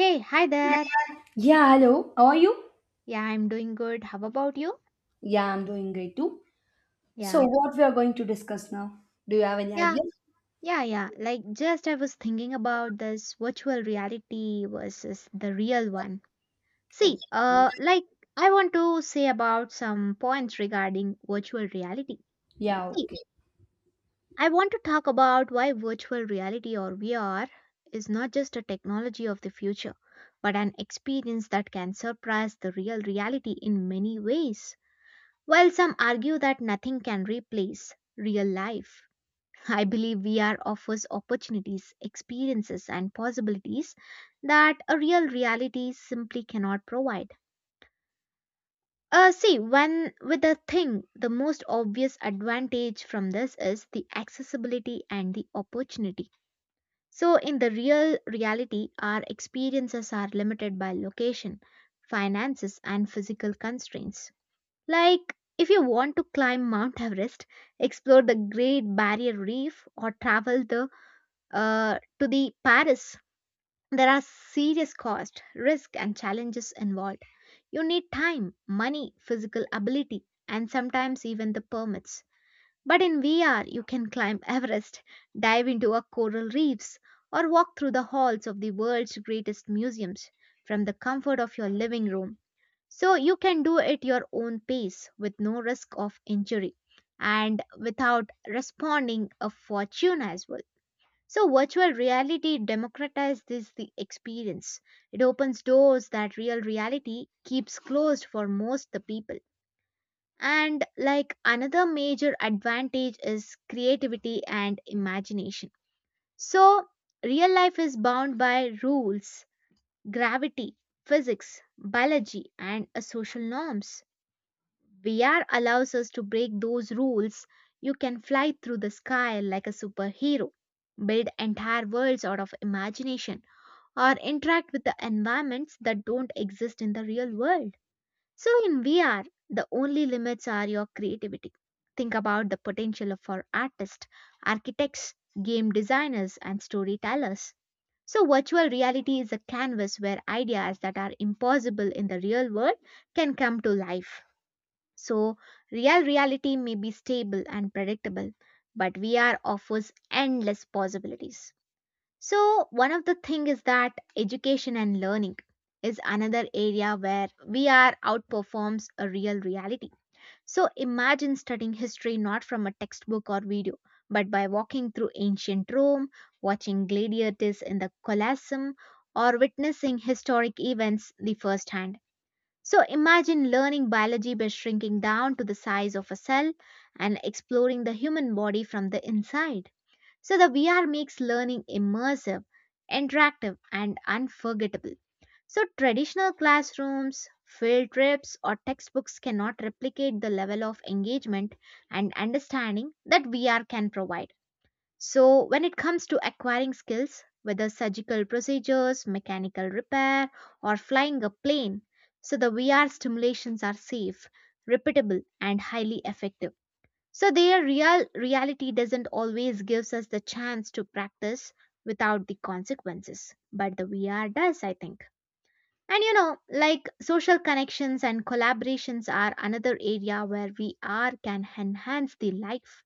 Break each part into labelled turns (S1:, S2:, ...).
S1: Hey, hi there.
S2: Yeah, hello. How are you?
S1: Yeah, I'm doing good. How about you?
S2: Yeah, I'm doing great too. So,
S1: Yeah.
S2: what we are going to discuss now? Do you have any
S1: Yeah.
S2: idea?
S1: Yeah, yeah, like just I was thinking about this virtual reality versus the real one.
S2: Okay.
S1: See, like I want to say about some points regarding virtual reality.
S2: Yeah,
S1: See,
S2: okay.
S1: I want to talk about why virtual reality or VR is not just a technology of the future, but an experience that can surpass the real reality in many ways. While some argue that nothing can replace real life, I believe VR offers opportunities, experiences, and possibilities that a real reality simply cannot provide. When with a thing, the most obvious advantage from this is the accessibility and the opportunity. So, in the real reality, our experiences are limited by location, finances, and physical constraints. Like, if you want to climb Mount Everest, explore the Great Barrier Reef, or travel to the Paris, there are serious cost, risk, and challenges involved. You need time, money, physical ability, and sometimes even the permits. But in VR, you can climb Everest, dive into a coral reefs, or walk through the halls of the world's greatest museums from the comfort of your living room. So you can do it your own pace with no risk of injury and without responding a fortune as well. So virtual reality democratizes the experience. It opens doors that real reality keeps closed for most the people. And like another major advantage is creativity and imagination. So real life is bound by rules, gravity, physics, biology and social norms. VR allows us to break those rules. You can fly through the sky like a superhero, build entire worlds out of imagination, or interact with the environments that don't exist in the real world. So, in VR, the only limits are your creativity. Think about the potential for artists, architects, game designers, and storytellers. So, virtual reality is a canvas where ideas that are impossible in the real world can come to life. So, real reality may be stable and predictable, but VR offers endless possibilities. So, one of the things is that education and learning is another area where VR outperforms a real reality. So, imagine studying history not from a textbook or video, but by walking through ancient Rome, watching gladiators in the Colosseum, or witnessing historic events the first hand. So imagine learning biology by shrinking down to the size of a cell and exploring the human body from the inside. So the VR makes learning immersive, interactive, and unforgettable. So traditional classrooms, field trips, or textbooks cannot replicate the level of engagement and understanding that VR can provide. So, when it comes to acquiring skills, whether surgical procedures, mechanical repair, or flying a plane, so the VR stimulations are safe, repeatable, and highly effective. So, their real reality doesn't always gives us the chance to practice without the consequences, but the VR does, I think. And you know, like social connections and collaborations are another area where VR can enhance the life.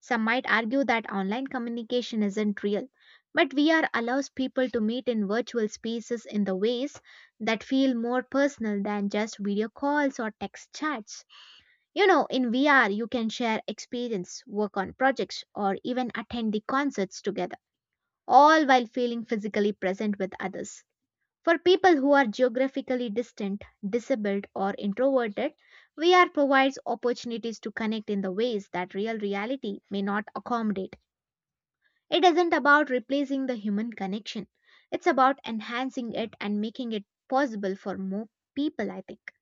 S1: Some might argue that online communication isn't real, but VR allows people to meet in virtual spaces in the ways that feel more personal than just video calls or text chats. You know, in VR, you can share experience, work on projects, or even attend the concerts together, all while feeling physically present with others. For people who are geographically distant, disabled, or introverted, VR provides opportunities to connect in the ways that real reality may not accommodate. It isn't about replacing the human connection, it's about enhancing it and making it possible for more people, I think.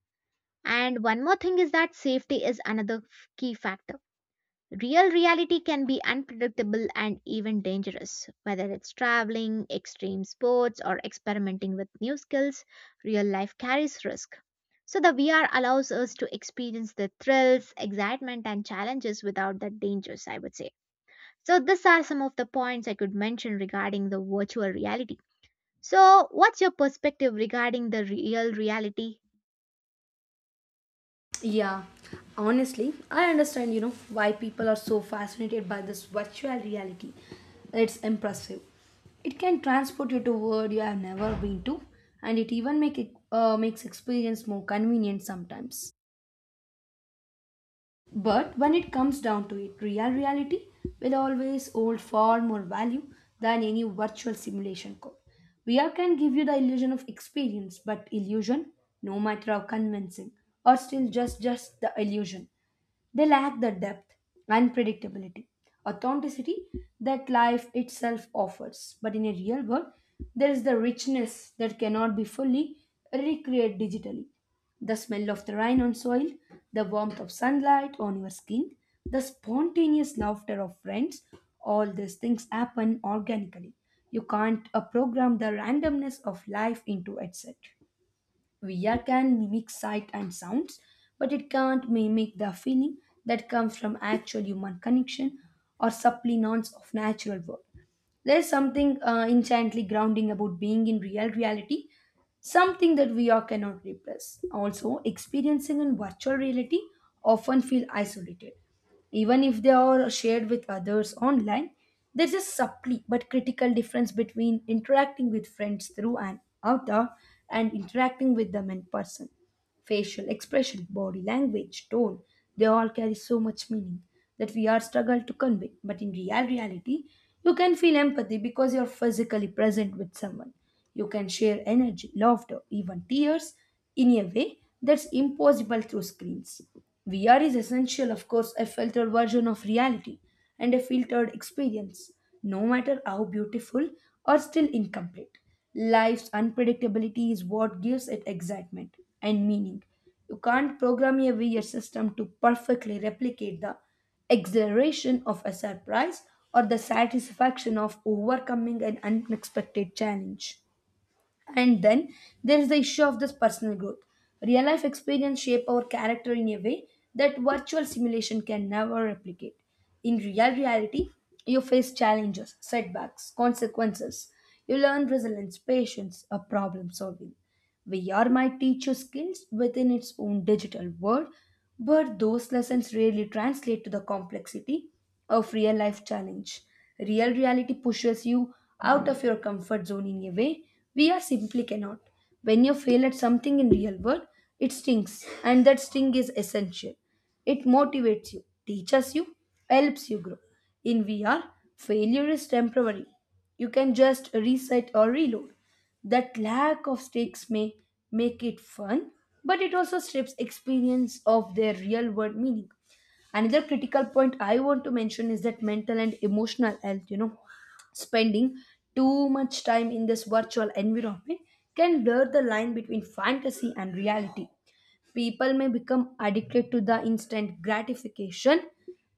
S1: And one more thing is that safety is another key factor. Real reality can be unpredictable and even dangerous. Whether it's traveling, extreme sports, or experimenting with new skills, real life carries risk. So, the VR allows us to experience the thrills, excitement, and challenges without the dangers, I would say. So, these are some of the points I could mention regarding the virtual reality. So, what's your perspective regarding the real reality?
S2: Yeah, honestly, I understand, you know, why people are so fascinated by this virtual reality. It's impressive. It can transport you to a world you have never been to, and it even make it makes experience more convenient sometimes. But when it comes down to it, real reality will always hold far more value than any virtual simulation could. VR can give you the illusion of experience, but illusion, no matter how convincing, or still just the illusion. They lack the depth, unpredictability, authenticity that life itself offers. But in a real world, there is the richness that cannot be fully recreated digitally. The smell of the rain on soil, the warmth of sunlight on your skin, the spontaneous laughter of friends, all these things happen organically. You can't program the randomness of life into itself. VR can mimic sight and sounds, but it can't mimic the feeling that comes from actual human connection or subliminals of natural world. There's something instantly grounding about being in real reality, something that VR cannot replace. Also, experiencing in virtual reality often feel isolated even if they are shared with others online. There's a subtle but critical difference between interacting with friends through an avatar and interacting with them in person. Facial expression, body language, tone, they all carry so much meaning that we are struggled to convey. But in real reality, you can feel empathy because you're physically present with someone. You can share energy, laughter, even tears in a way that's impossible through screens. VR is essential, of course, a filtered version of reality and a filtered experience, no matter how beautiful or still incomplete. Life's unpredictability is what gives it excitement and meaning. You can't program a VR system to perfectly replicate the exhilaration of a surprise or the satisfaction of overcoming an unexpected challenge. And then there is the issue of this personal growth. Real life experience shape our character in a way that virtual simulation can never replicate. In real reality, you face challenges, setbacks, consequences. You learn resilience, patience, or problem solving. VR might teach you skills within its own digital world, but those lessons rarely translate to the complexity of real life challenge. Real reality pushes you out of your comfort zone in a way VR simply cannot. When you fail at something in real world, it stings, and that sting is essential. It motivates you, teaches you, helps you grow. In VR, failure is temporary. You can just reset or reload. That lack of stakes may make it fun, but it also strips experience of their real world meaning. Another critical point I want to mention is that mental and emotional health, you know, spending too much time in this virtual environment can blur the line between fantasy and reality. People may become addicted to the instant gratification,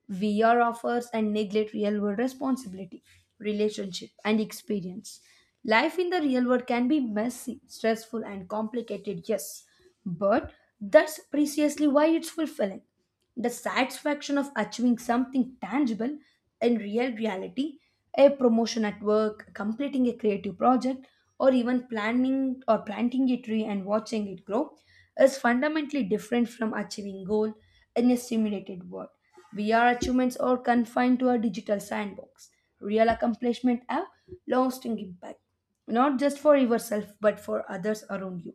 S2: VR offers, and neglect real world responsibility, relationship, and experience. Life in the real world can be messy, stressful, and complicated, yes, but that's precisely why it's fulfilling. The satisfaction of achieving something tangible in real reality, a promotion at work, completing a creative project, or even planning or planting a tree and watching it grow, is fundamentally different from achieving goal in a simulated world. VR achievements are confined to a digital sandbox. Real accomplishment have lasting impact not just for yourself but for others around you.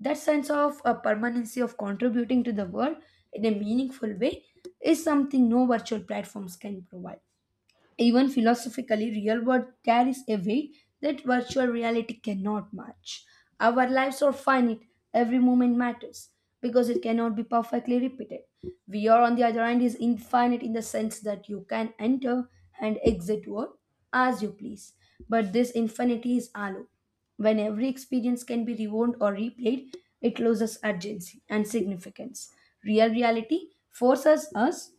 S2: That sense of a permanency of contributing to the world in a meaningful way is something no virtual platforms can provide. Even philosophically, real world carries a weight that virtual reality cannot match. Our lives are finite, every moment matters because it cannot be perfectly repeated. We are, on the other hand, is infinite in the sense that you can enter and exit world as you please. But this infinity is hollow. When every experience can be rewound or replayed, it loses urgency and significance. Real reality forces us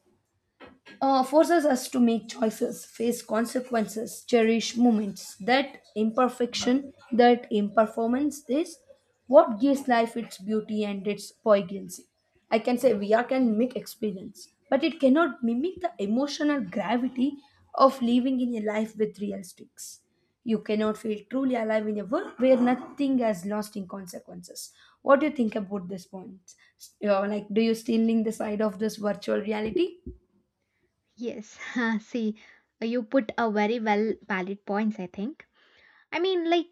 S2: uh, forces us to make choices, face consequences, cherish moments. That imperfection, that imperformance is what gives life its beauty and its poignancy. I can say VR can mimic experience, but it cannot mimic the emotional gravity of living in a life with real stakes. You cannot feel truly alive in a world where nothing has lasting consequences. What do you think about this point? Like, do you still link the side of this virtual reality?
S1: Yes, see, you put a very well valid points, I think. I mean, like,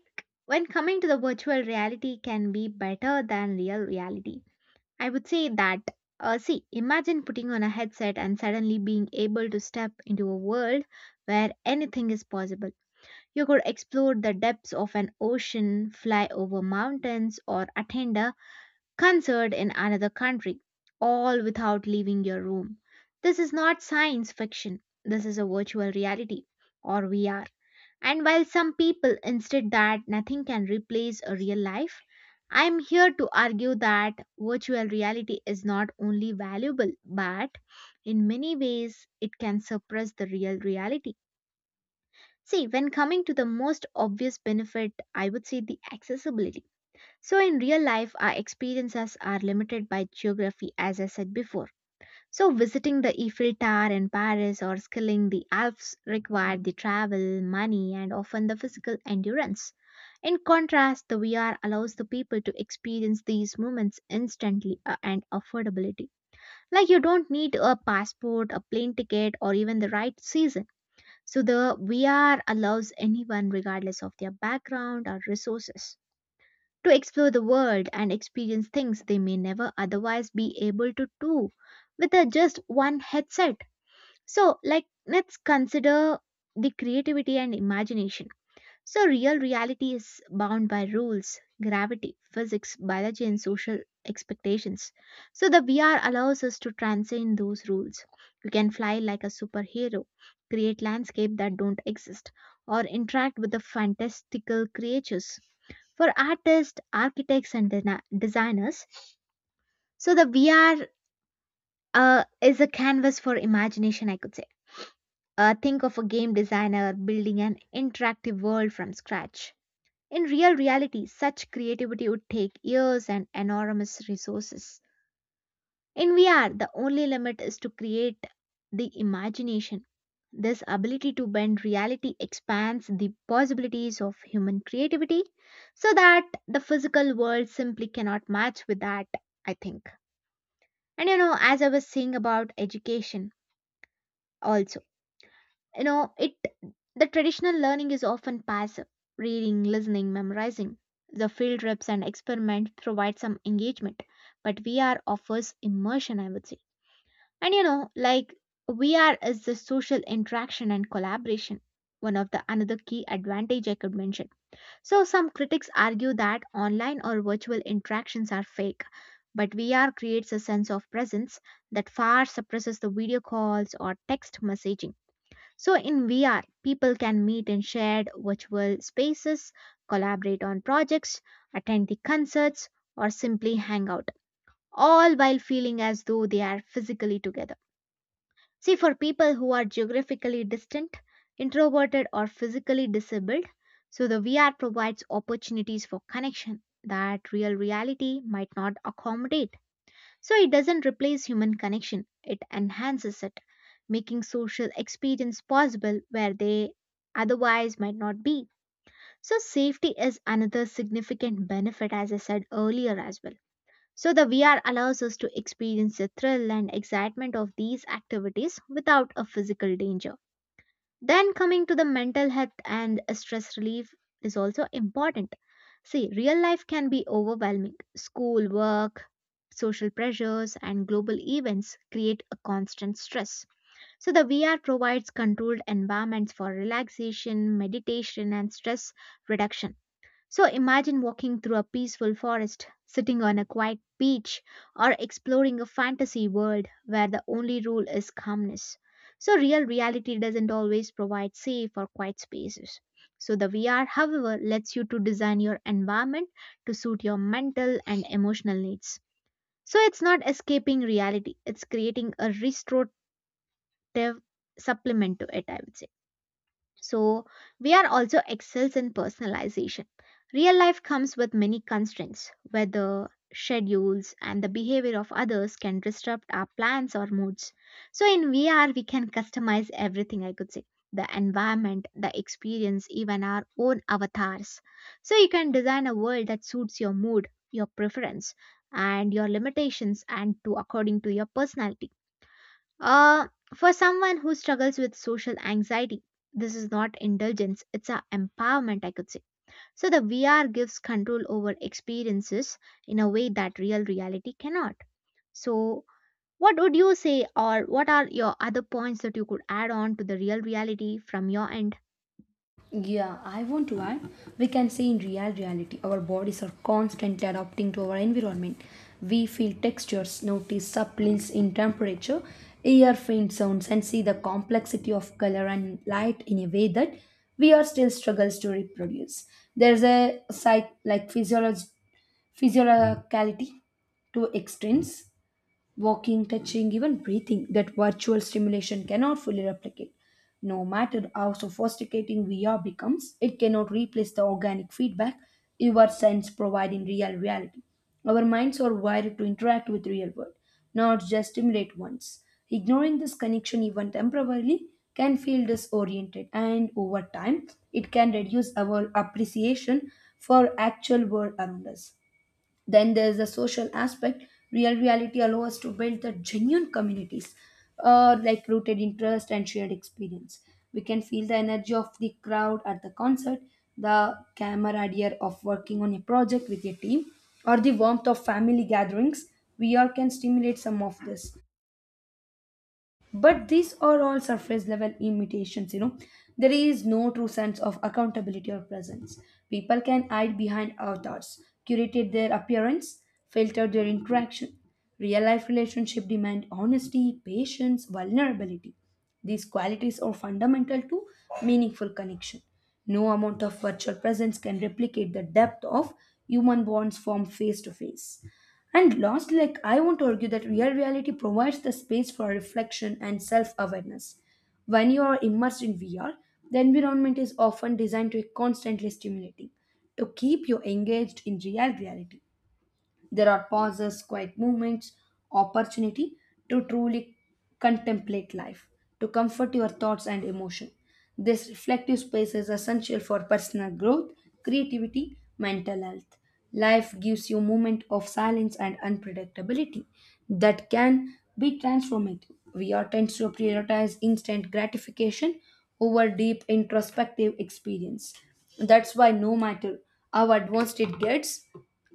S1: when coming to the virtual reality can be better than real reality. I would say that, see, imagine putting on a headset and suddenly being able to step into a world where anything is possible. You could explore the depths of an ocean, fly over mountains, or attend a concert in another country, all without leaving your room. This is not science fiction, this is a virtual reality, or VR. And while some people insist that nothing can replace a real life, I am here to argue that virtual reality is not only valuable, but in many ways it can suppress the real reality. See, when coming to the most obvious benefit, I would say the accessibility. So, in real life, our experiences are limited by geography, as I said before so, visiting the Eiffel Tower in Paris or scaling the Alps required the travel, money, and often the physical endurance. In contrast, the VR allows the people to experience these moments instantly and affordability. Like you don't need a passport, a plane ticket, or even the right season. So, the VR allows anyone, regardless of their background or resources to explore the world and experience things they may never otherwise be able to do with a just one headset. So, like, let's consider the creativity and imagination. So, real reality is bound by rules, gravity, physics, biology, and social expectations. So, the VR allows us to transcend those rules. You can fly like a superhero, create landscapes that don't exist, or interact with the fantastical creatures for artists, architects, and designers. So the VR is a canvas for imagination, I could say. Think of a game designer building an interactive world from scratch. In real reality, such creativity would take years and enormous resources. In VR, the only limit is to create the imagination. This ability to bend reality expands the possibilities of human creativity so that the physical world simply cannot match with that, I think. And you know, as I was saying about education also, you know, it the traditional learning is often passive reading, listening, memorizing. The field trips and experiment provide some engagement, but VR offers immersion, I would say. And you know, like VR is the social interaction and collaboration, one of the another key advantage I could mention. So some critics argue that online or virtual interactions are fake, but VR creates a sense of presence that far suppresses the video calls or text messaging. So in VR, people can meet in shared virtual spaces, collaborate on projects, attend the concerts, or simply hang out, all while feeling as though they are physically together. See, for people who are geographically distant, introverted, or physically disabled, so the VR provides opportunities for connection that real reality might not accommodate. So it doesn't replace human connection, it enhances it, making social experience possible where they otherwise might not be. So safety is another significant benefit, as I said earlier as well. So, the VR allows us to experience the thrill and excitement of these activities without a physical danger. Then, coming to the mental health and stress relief is also important. See, real life can be overwhelming. School, work, social pressures, and global events create a constant stress. So, the VR provides controlled environments for relaxation, meditation, and stress reduction. So imagine walking through a peaceful forest, sitting on a quiet beach, or exploring a fantasy world where the only rule is calmness. So real reality doesn't always provide safe or quiet spaces. So the VR, however, lets you to design your environment to suit your mental and emotional needs. So it's not escaping reality, it's creating a restorative supplement to it, I would say. So, we are also excels in personalization. Real life comes with many constraints, whether schedules, and the behavior of others can disrupt our plans or moods. So, in VR, we can customize everything, I could say the environment, the experience, even our own avatars. So, you can design a world that suits your mood, your preference, and your limitations, and to according to your personality. Uh, for someone who struggles with social anxiety, this is not indulgence, it's a empowerment, I could say. So, the VR gives control over experiences in a way that real reality cannot. So, what would you say, or what are your other points that you could add on to the real reality from your end?
S2: Yeah, I want to add, we can say in real reality, our bodies are constantly adapting to our environment. We feel textures, notice subtleties in temperature, hear faint sounds, and see the complexity of color and light in a way that we are still struggles to reproduce. There's a physiologicality to extremes. Walking, touching, even breathing that virtual stimulation cannot fully replicate. No matter how sophisticating VR becomes, it cannot replace the organic feedback your sense provide in real reality. Our minds are wired to interact with real world, not just stimulate once. Ignoring this connection even temporarily can feel disoriented and over time it can reduce our appreciation for actual world around us. Then there's the social aspect. Real reality allows us to build the genuine communities, like rooted in trust and shared experience. We can feel the energy of the crowd at the concert, the camaraderie of working on a project with a team, or the warmth of family gatherings. VR can stimulate some of this, but these are all surface level imitations, you know. There is no true sense of accountability or presence. People can hide behind avatars, curate their appearance, filter their interaction. Real life relationship demand honesty, patience, vulnerability. These qualities are fundamental to meaningful connection. No amount of virtual presence can replicate the depth of human bonds formed face to face. And lost, like, I want to argue that real reality provides the space for reflection and self awareness. When you are immersed in VR, the environment is often designed to be constantly stimulating, to keep you engaged. In real reality, there are pauses, quiet moments, opportunity to truly contemplate life, to comfort your thoughts and emotion. This reflective space is essential for personal growth, creativity, mental health. Life gives you moment of silence and unpredictability that can be transformative. We are tend to prioritize instant gratification over deep introspective experience. That's why no matter how advanced it gets,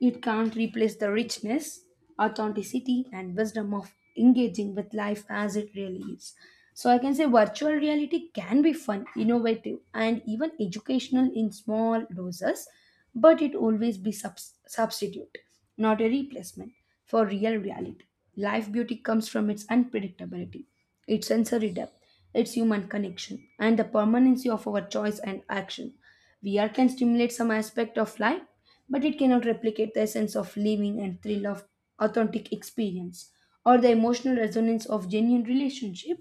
S2: it can't replace the richness, authenticity, and wisdom of engaging with life as it really is. So, I can say virtual reality can be fun, innovative, and even educational in small doses, but it always be substitute, not a replacement for real reality. Life beauty comes from its unpredictability, its sensory depth, its human connection, and the permanency of our choice and action. VR can stimulate some aspect of life, but it cannot replicate the essence of living and thrill of authentic experience or the emotional resonance of genuine relationship.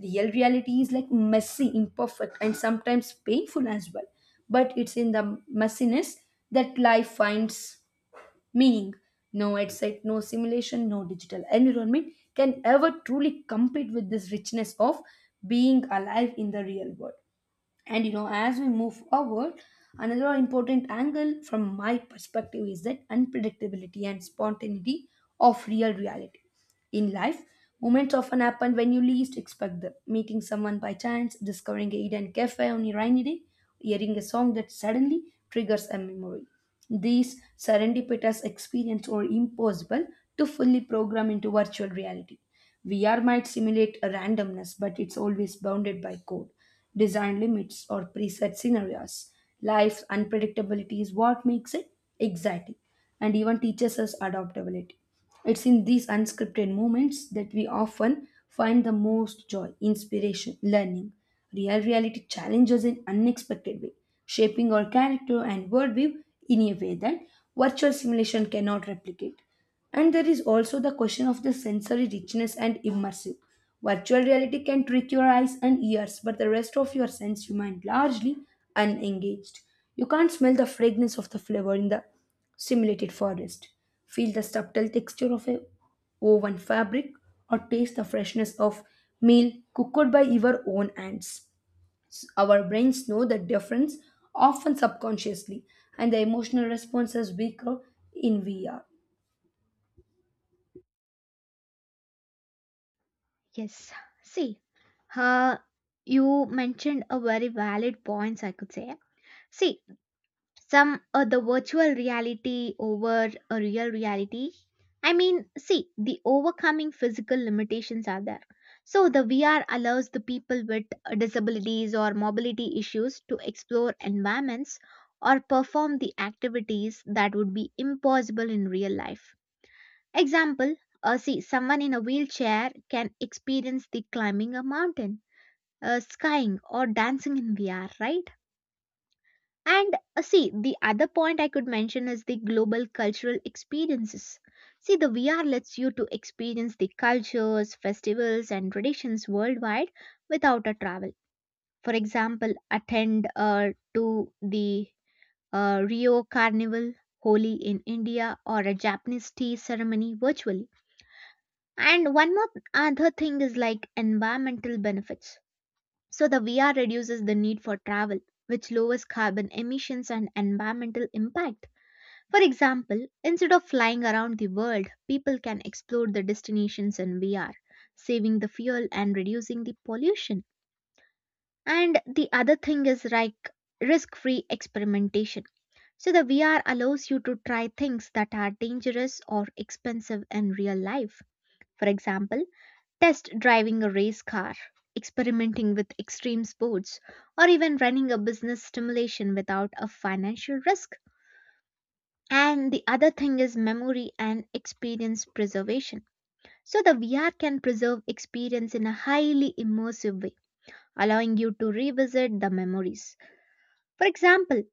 S2: Real reality is like messy, imperfect, and sometimes painful as well, but it's in the messiness that life finds meaning. No headset, no simulation, no digital environment can ever truly compete with this richness of being alive in the real world. And you know, as we move forward, another important angle from my perspective is that unpredictability and spontaneity of real reality. In life, moments often happen when you least expect them. Meeting someone by chance, discovering a hidden cafe on a rainy day, hearing a song that suddenly triggers a memory. These serendipitous experiences are impossible to fully program into virtual reality. VR might simulate a randomness, but it's always bounded by code, design limits, or preset scenarios. Life's unpredictability is what makes it exciting and even teaches us adaptability. It's in these unscripted moments that we often find the most joy, inspiration, learning. Real reality challenges in unexpected way, shaping our character and worldview in a way that virtual simulation cannot replicate. And there is also the question of the sensory richness and immersive. Virtual reality can trick your eyes and ears, but the rest of your sense remain largely unengaged. You can't smell the fragrance of the flavor in the simulated forest. Feel the subtle texture of a woven fabric or taste the freshness of meal cooked by your own hands. Our brains know the difference often subconsciously and the emotional responses we grow in VR.
S1: Yes, see. Uh, you mentioned a very valid points, I could say. See, some the virtual reality over a real reality, I mean. See, the overcoming physical limitations are there. So the VR allows the people with disabilities or mobility issues to explore environments or perform the activities that would be impossible in real life. Example, see, someone in a wheelchair can experience the climbing a mountain, skying or dancing in VR, right? And see, the other point I could mention is the global cultural experiences. See, the VR lets you to experience the cultures, festivals, and traditions worldwide without a travel. For example, attend to the Rio Carnival, Holi in India, or a Japanese tea ceremony virtually. And one more other thing is like environmental benefits. So the VR reduces the need for travel, which lowers carbon emissions and environmental impact. For example, instead of flying around the world, people can explore the destinations in VR, saving the fuel and reducing the pollution. And the other thing is like risk free experimentation. So, the VR allows you to try things that are dangerous or expensive in real life. For example, test driving a race car, experimenting with extreme sports, or even running a business stimulation without a financial risk. And the other thing is memory and experience preservation. So, the VR can preserve experience in a highly immersive way, allowing you to revisit the memories. For example,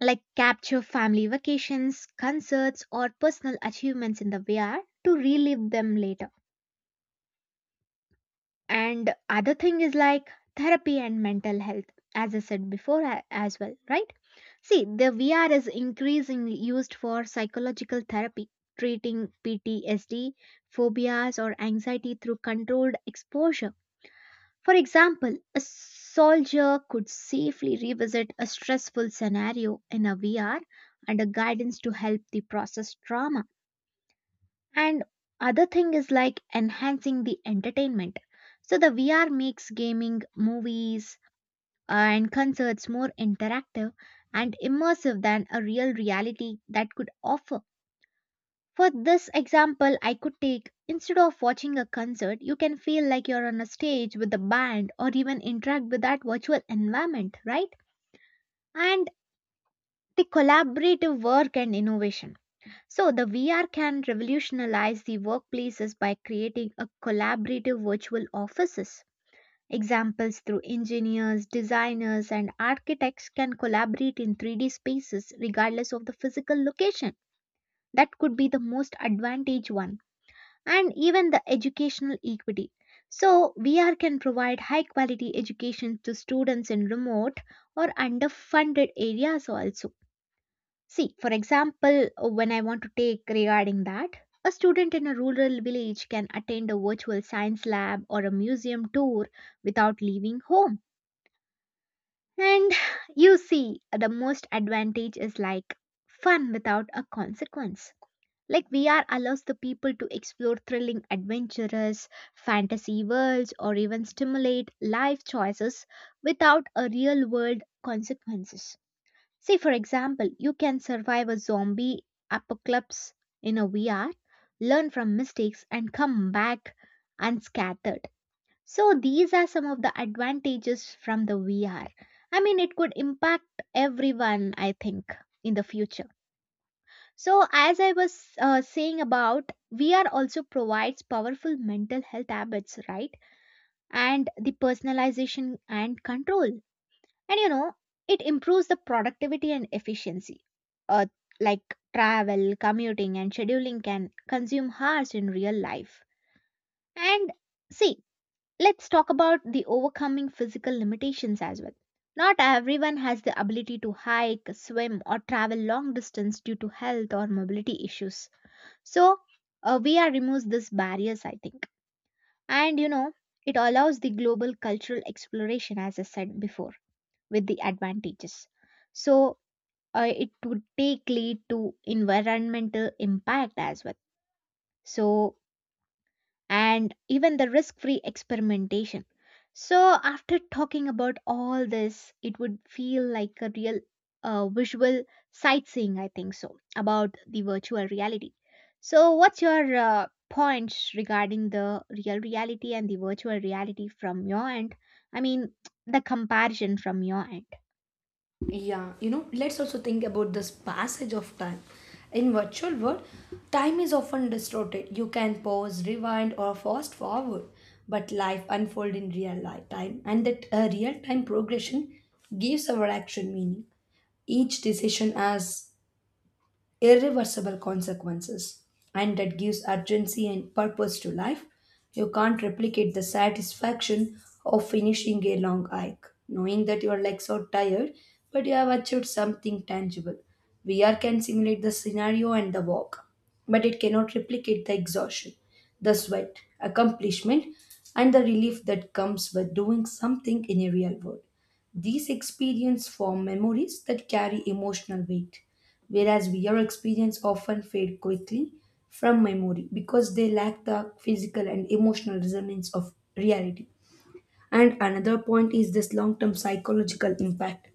S1: like capture family vacations, concerts, or personal achievements in the VR to relive them later. And other thing is like therapy and mental health, as I said before as well, right? See, the VR is increasingly used for psychological therapy, treating PTSD, phobias, or anxiety through controlled exposure. For example, a soldier could safely revisit a stressful scenario in a VR under guidance to help the process trauma. And other thing is like enhancing the entertainment. So the VR makes gaming, movies and concerts more interactive and immersive than a real reality that could offer. For this example, I could take, instead of watching a concert, you can feel like you're on a stage with a band or even interact with that virtual environment, right? And the collaborative work and innovation. So, the VR can revolutionize the workplaces by creating a collaborative virtual offices. Examples through engineers, designers, and architects can collaborate in 3D spaces regardless of the physical location. That could be the most advantage one. And even the educational equity. So, VR can provide high quality education to students in remote or underfunded areas also. See, for example, when I want to take regarding that, a student in a rural village can attend a virtual science lab or a museum tour without leaving home. And you see, the most advantage is like fun without a consequence. Like VR allows the people to explore thrilling, adventurous fantasy worlds or even stimulate life choices without a real world consequences. Say, for example, you can survive a zombie apocalypse in a VR, learn from mistakes, and come back unscattered. So, these are some of the advantages from the VR. I mean, it could impact everyone, I think, in the future. So, as I was saying about, VR also provides powerful mental health habits, right? And the personalization and control, and it improves the productivity and efficiency, uh, like travel, commuting and scheduling can consume hours in real life. And see, let's talk about the overcoming physical limitations as well. Not everyone has the ability to hike, swim or travel long distance due to health or mobility issues. So we are removes these barriers, I think. And you know, it allows the global cultural exploration, as I said before with the advantages. So it would take lead to environmental impact as well. So, and even the risk free experimentation. So, after talking about all this, it would feel like a real visual sightseeing, I think, so about the virtual reality. So, what's your points regarding the real reality and the virtual reality from your end? I mean, the comparison from your end.
S2: Yeah, you know, let's also think about this passage of time. In virtual world, time is often distorted. You can pause, rewind, or fast forward, but life unfolds in real life time, and that real time progression gives our action meaning. Each decision has irreversible consequences, and that gives urgency and purpose to life. You can't replicate the satisfaction of finishing a long hike, knowing that you are like so tired, but you have achieved something tangible. VR can simulate the scenario and the walk, but it cannot replicate the exhaustion, the sweat, accomplishment, and the relief that comes with doing something in a real world. These experiences form memories that carry emotional weight, whereas VR experiences often fade quickly from memory because they lack the physical and emotional resonance of reality. And another point is this long term psychological impact.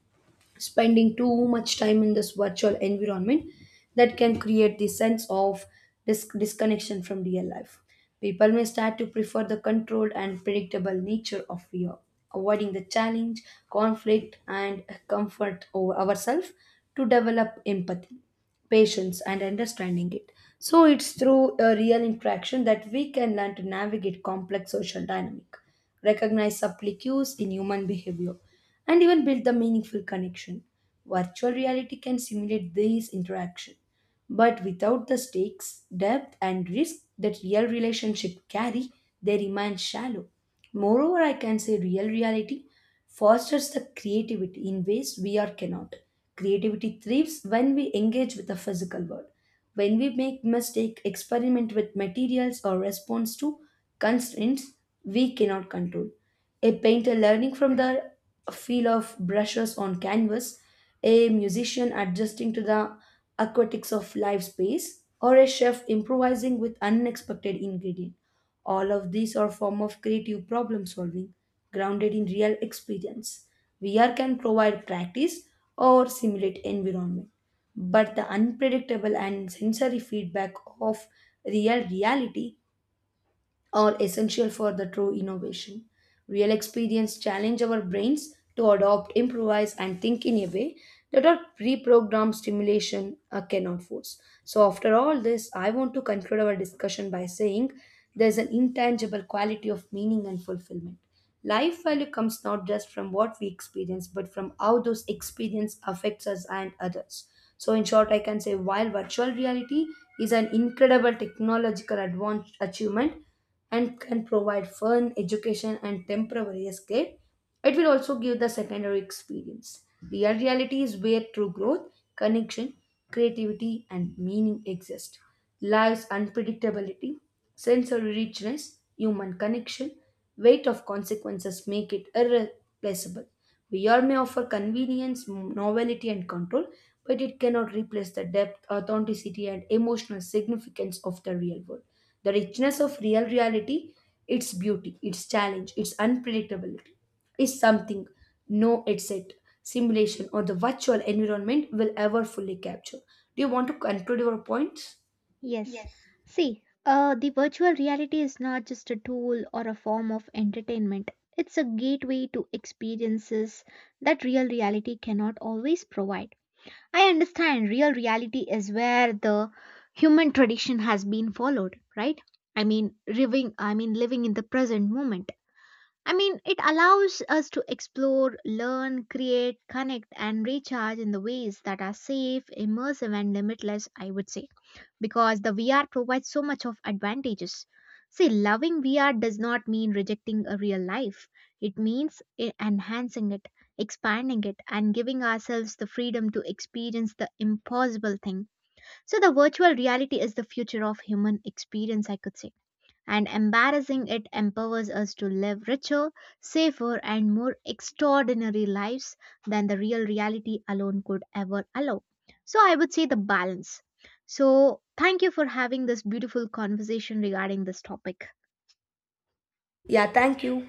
S2: Spending too much time in this virtual environment that can create the sense of disconnection from real life. People may start to prefer the controlled and predictable nature of VR, avoiding the challenge, conflict, and comfort over ourselves to develop empathy, patience, and understanding it. So it's through a real interaction that we can learn to navigate complex social dynamic, recognize subtle cues in human behavior, and even build the meaningful connection. Virtual reality can simulate these interaction, but without the stakes, depth, and risk that real relationships carry, they remain shallow. Moreover, I can say real reality fosters the creativity in ways we are cannot. Creativity thrives when we engage with the physical world, when we make mistake, experiment with materials, or response to constraints we cannot control. A painter learning from the feel of brushes on canvas, a musician adjusting to the aquatics of live space, or a chef improvising with unexpected ingredient. All of these are form of creative problem solving grounded in real experience. VR can provide practice or simulate environment, but the unpredictable and sensory feedback of real reality are essential for the true innovation. Real experience challenge our brains to adopt, improvise, and think in a way that our pre-programmed stimulation cannot force. So, after all this, I want to conclude our discussion by saying there's an intangible quality of meaning and fulfillment. Life value comes not just from what we experience, but from how those experience affects us and others. So, in short, I can say while virtual reality is an incredible technological advanced achievement, and can provide fun, education, and temporary escape. It will also give the secondary experience. Real reality is where true growth, connection, creativity, and meaning exist. Life's unpredictability, sensory richness, human connection, weight of consequences make it irreplaceable. VR may offer convenience, novelty, and control, but it cannot replace the depth, authenticity, and emotional significance of the real world. The richness of real reality, its beauty, its challenge, its unpredictability, is something no headset, simulation, or the virtual environment will ever fully capture. Do you want to conclude your points?
S1: Yes. See, the virtual reality is not just a tool or a form of entertainment. It's a gateway to experiences that real reality cannot always provide. I understand real reality is where the human tradition has been followed, right? I mean, living in the present moment. I mean, it allows us to explore, learn, create, connect, and recharge in the ways that are safe, immersive, and limitless, I would say, because the VR provides so much of advantages. See, loving VR does not mean rejecting a real life. It means enhancing it, expanding it, and giving ourselves the freedom to experience the impossible thing. So, the virtual reality is the future of human experience, I could say, and embarrassing it empowers us to live richer, safer, and more extraordinary lives than the real reality alone could ever allow. So, I would say the balance. So, thank you for having this beautiful conversation regarding this topic.
S2: Yeah, thank you.